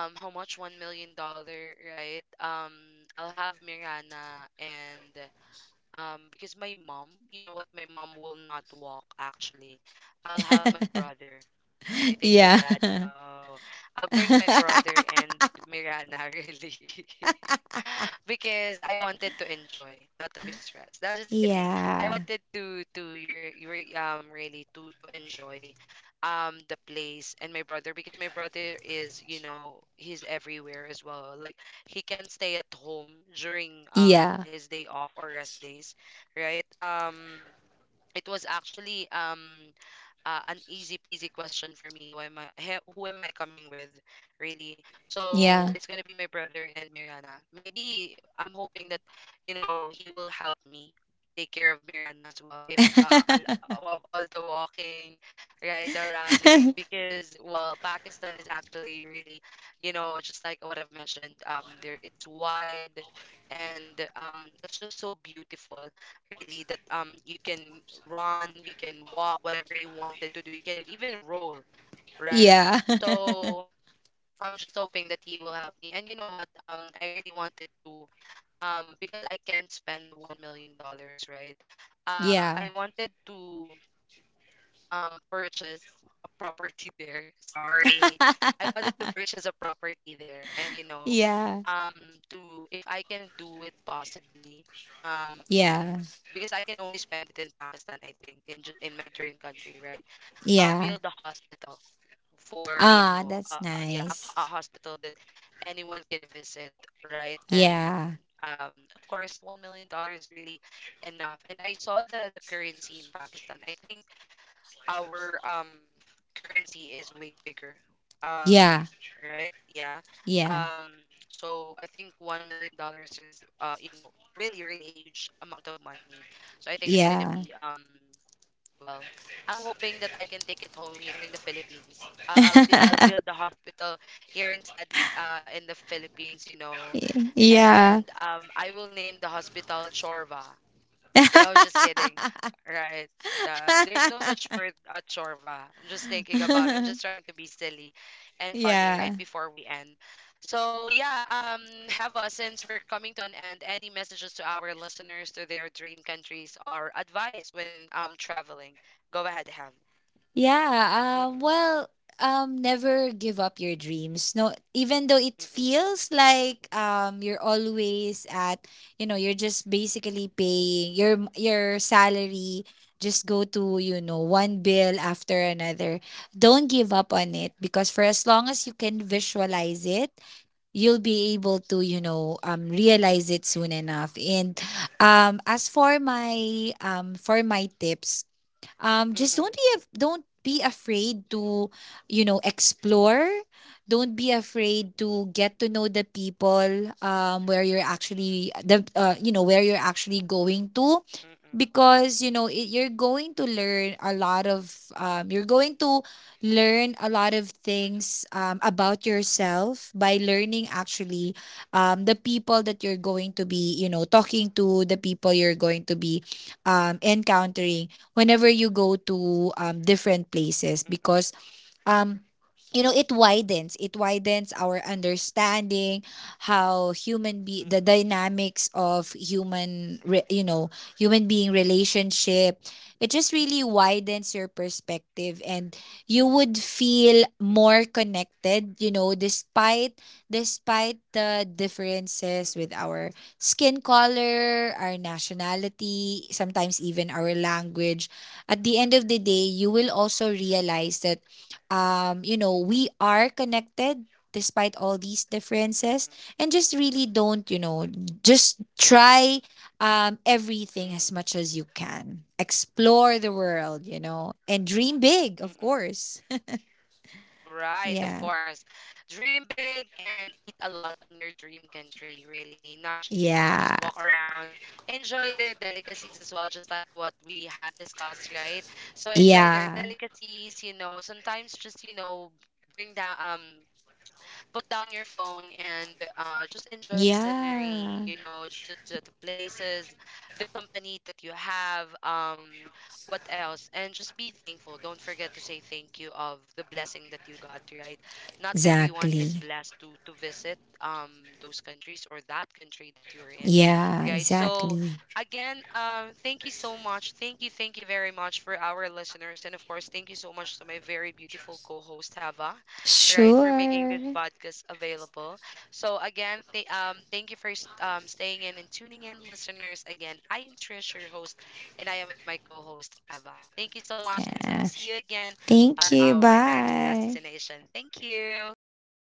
how much, $1 million, right? I'll have Mirana, and because my mom, you know what, my mom will not walk, actually. I'll have my brother. You think Yeah. the dad? No. I'll bring my <laughs> brother and Mirana, <laughs> really. <laughs> Because I wanted to enjoy, not to be stressed. No, just kidding. I yeah. wanted to your, really to enjoy the place, and my brother because my brother is, you know, he's everywhere as well. Like, he can stay at home during Yeah. his day off or rest days, right? It was actually an easy peasy question for me. Who am I? Who am I coming with, really? So Yeah. it's gonna be my brother and Mirana. Maybe I'm hoping that you know, he will help me take care of Mirana as well. If <laughs> I'll, of all the walking, right, the running, because well, Pakistan is actually really, you know, just like what I've mentioned. There it's wide, and it's just so beautiful, really, that you can run, you can walk, whatever you wanted to do. You can even roll, yeah. right? <laughs> yeah. So I'm just hoping that he will help me. And you know what, I really wanted to, because I can't spend the 1 million dollars, right? <laughs> I wanted to purchase a property <laughs> there. Sorry. I wanted to purchase a property there and you know, yeah. um to, if I can do it possibly, um Yeah. because I can only spend it in Pakistan, I think, in in my dream country, right? Yeah. I'll build a hospital Ah, for, you that's know, yeah, nice. A hospital that anyone can visit, right? And Yeah. Of course, 1 million dollars is really enough. And I saw the currency in Pakistan. I think our currency is way bigger. Yeah. um right yeah. Yeah. um so I think 1 million dollars is you know, really, really a huge amount of money. So I think it's Yeah. going to be, well, I'm hoping that I can take it home here in the Philippines. I'll I'll <laughs> build the hospital here instead, in the Philippines, you know. yeah. And I will name the hospital Chorva. No, just kidding. <laughs> Right. There's no such <laughs> word at Chorva. I'm just thinking about it. I'm just trying to be silly and funny yeah. right before we end. So yeah, um, Hava, since we're coming to an end, any messages to our listeners to their dream countries or advice when traveling? Go ahead, Hava. Yeah, Mm-mm, well, never give up your dreams. No, even though it mm-mm, feels like you're always at, you know, you're just basically paying your salary, just go to, you know, one bill after another. Don't give up on it because for as long as you can visualize it, you'll be able to you know realize it soon enough. And as for my tips, just mm-mm, don't be don't be afraid to you know explore, don't be afraid mm-mm, to get to know the people where you're actually the you know, where you're actually going to, mm-mm, because you know it, you're going to learn a lot of things about yourself by learning actually the people that you're going to be you know talking to, the people you're going to be encountering whenever you go to different places, mm-mm, because um you know it widens our understanding how human be the mm-mm, dynamics of you know human being relationship. It just really widens your perspective, and you would feel more mm-mm, connected, you know, despite despite the differences with mm-mm, our skin color, our nationality, sometimes even our language. At the end of the day you will also realize that you know, we are connected despite all these mm-mm, differences. mm-mm, And just really don't, you know, just try everything as mm-mm, much as you can. Explore the world, you know, and dream big, of mm-mm. course. Right, of <laughs> Yeah. course. Dream big and eat a lot on your dream country, really. Not just, you know, Yeah. just walk around, enjoy their delicacies as well, just like what we had discussed, right? So enjoy their Yeah. delicacies, you know, sometimes just, you know, bring down put down your phone and just enjoy the scenery, Yeah. you know, the places, the company that you have, what else? And just be thankful. Don't forget to say thank you of the blessing that you got, right? Not everyone is Exactly. blessed to visit those countries or that country that you're in, Yeah, right? So exactly. again, thank you so much. Thank you very much for our listeners. And of course, thank you so much to my very beautiful co-host Hava, right, for making this Sure. podcast available. So again, thank you for staying in and tuning in, listeners. Again, I am Trish, your host, and I am with my co-host Eva. Thank you so much. Until Yeah. we see you again Thank on you. our next Bye. destination. Thank you. Yeah.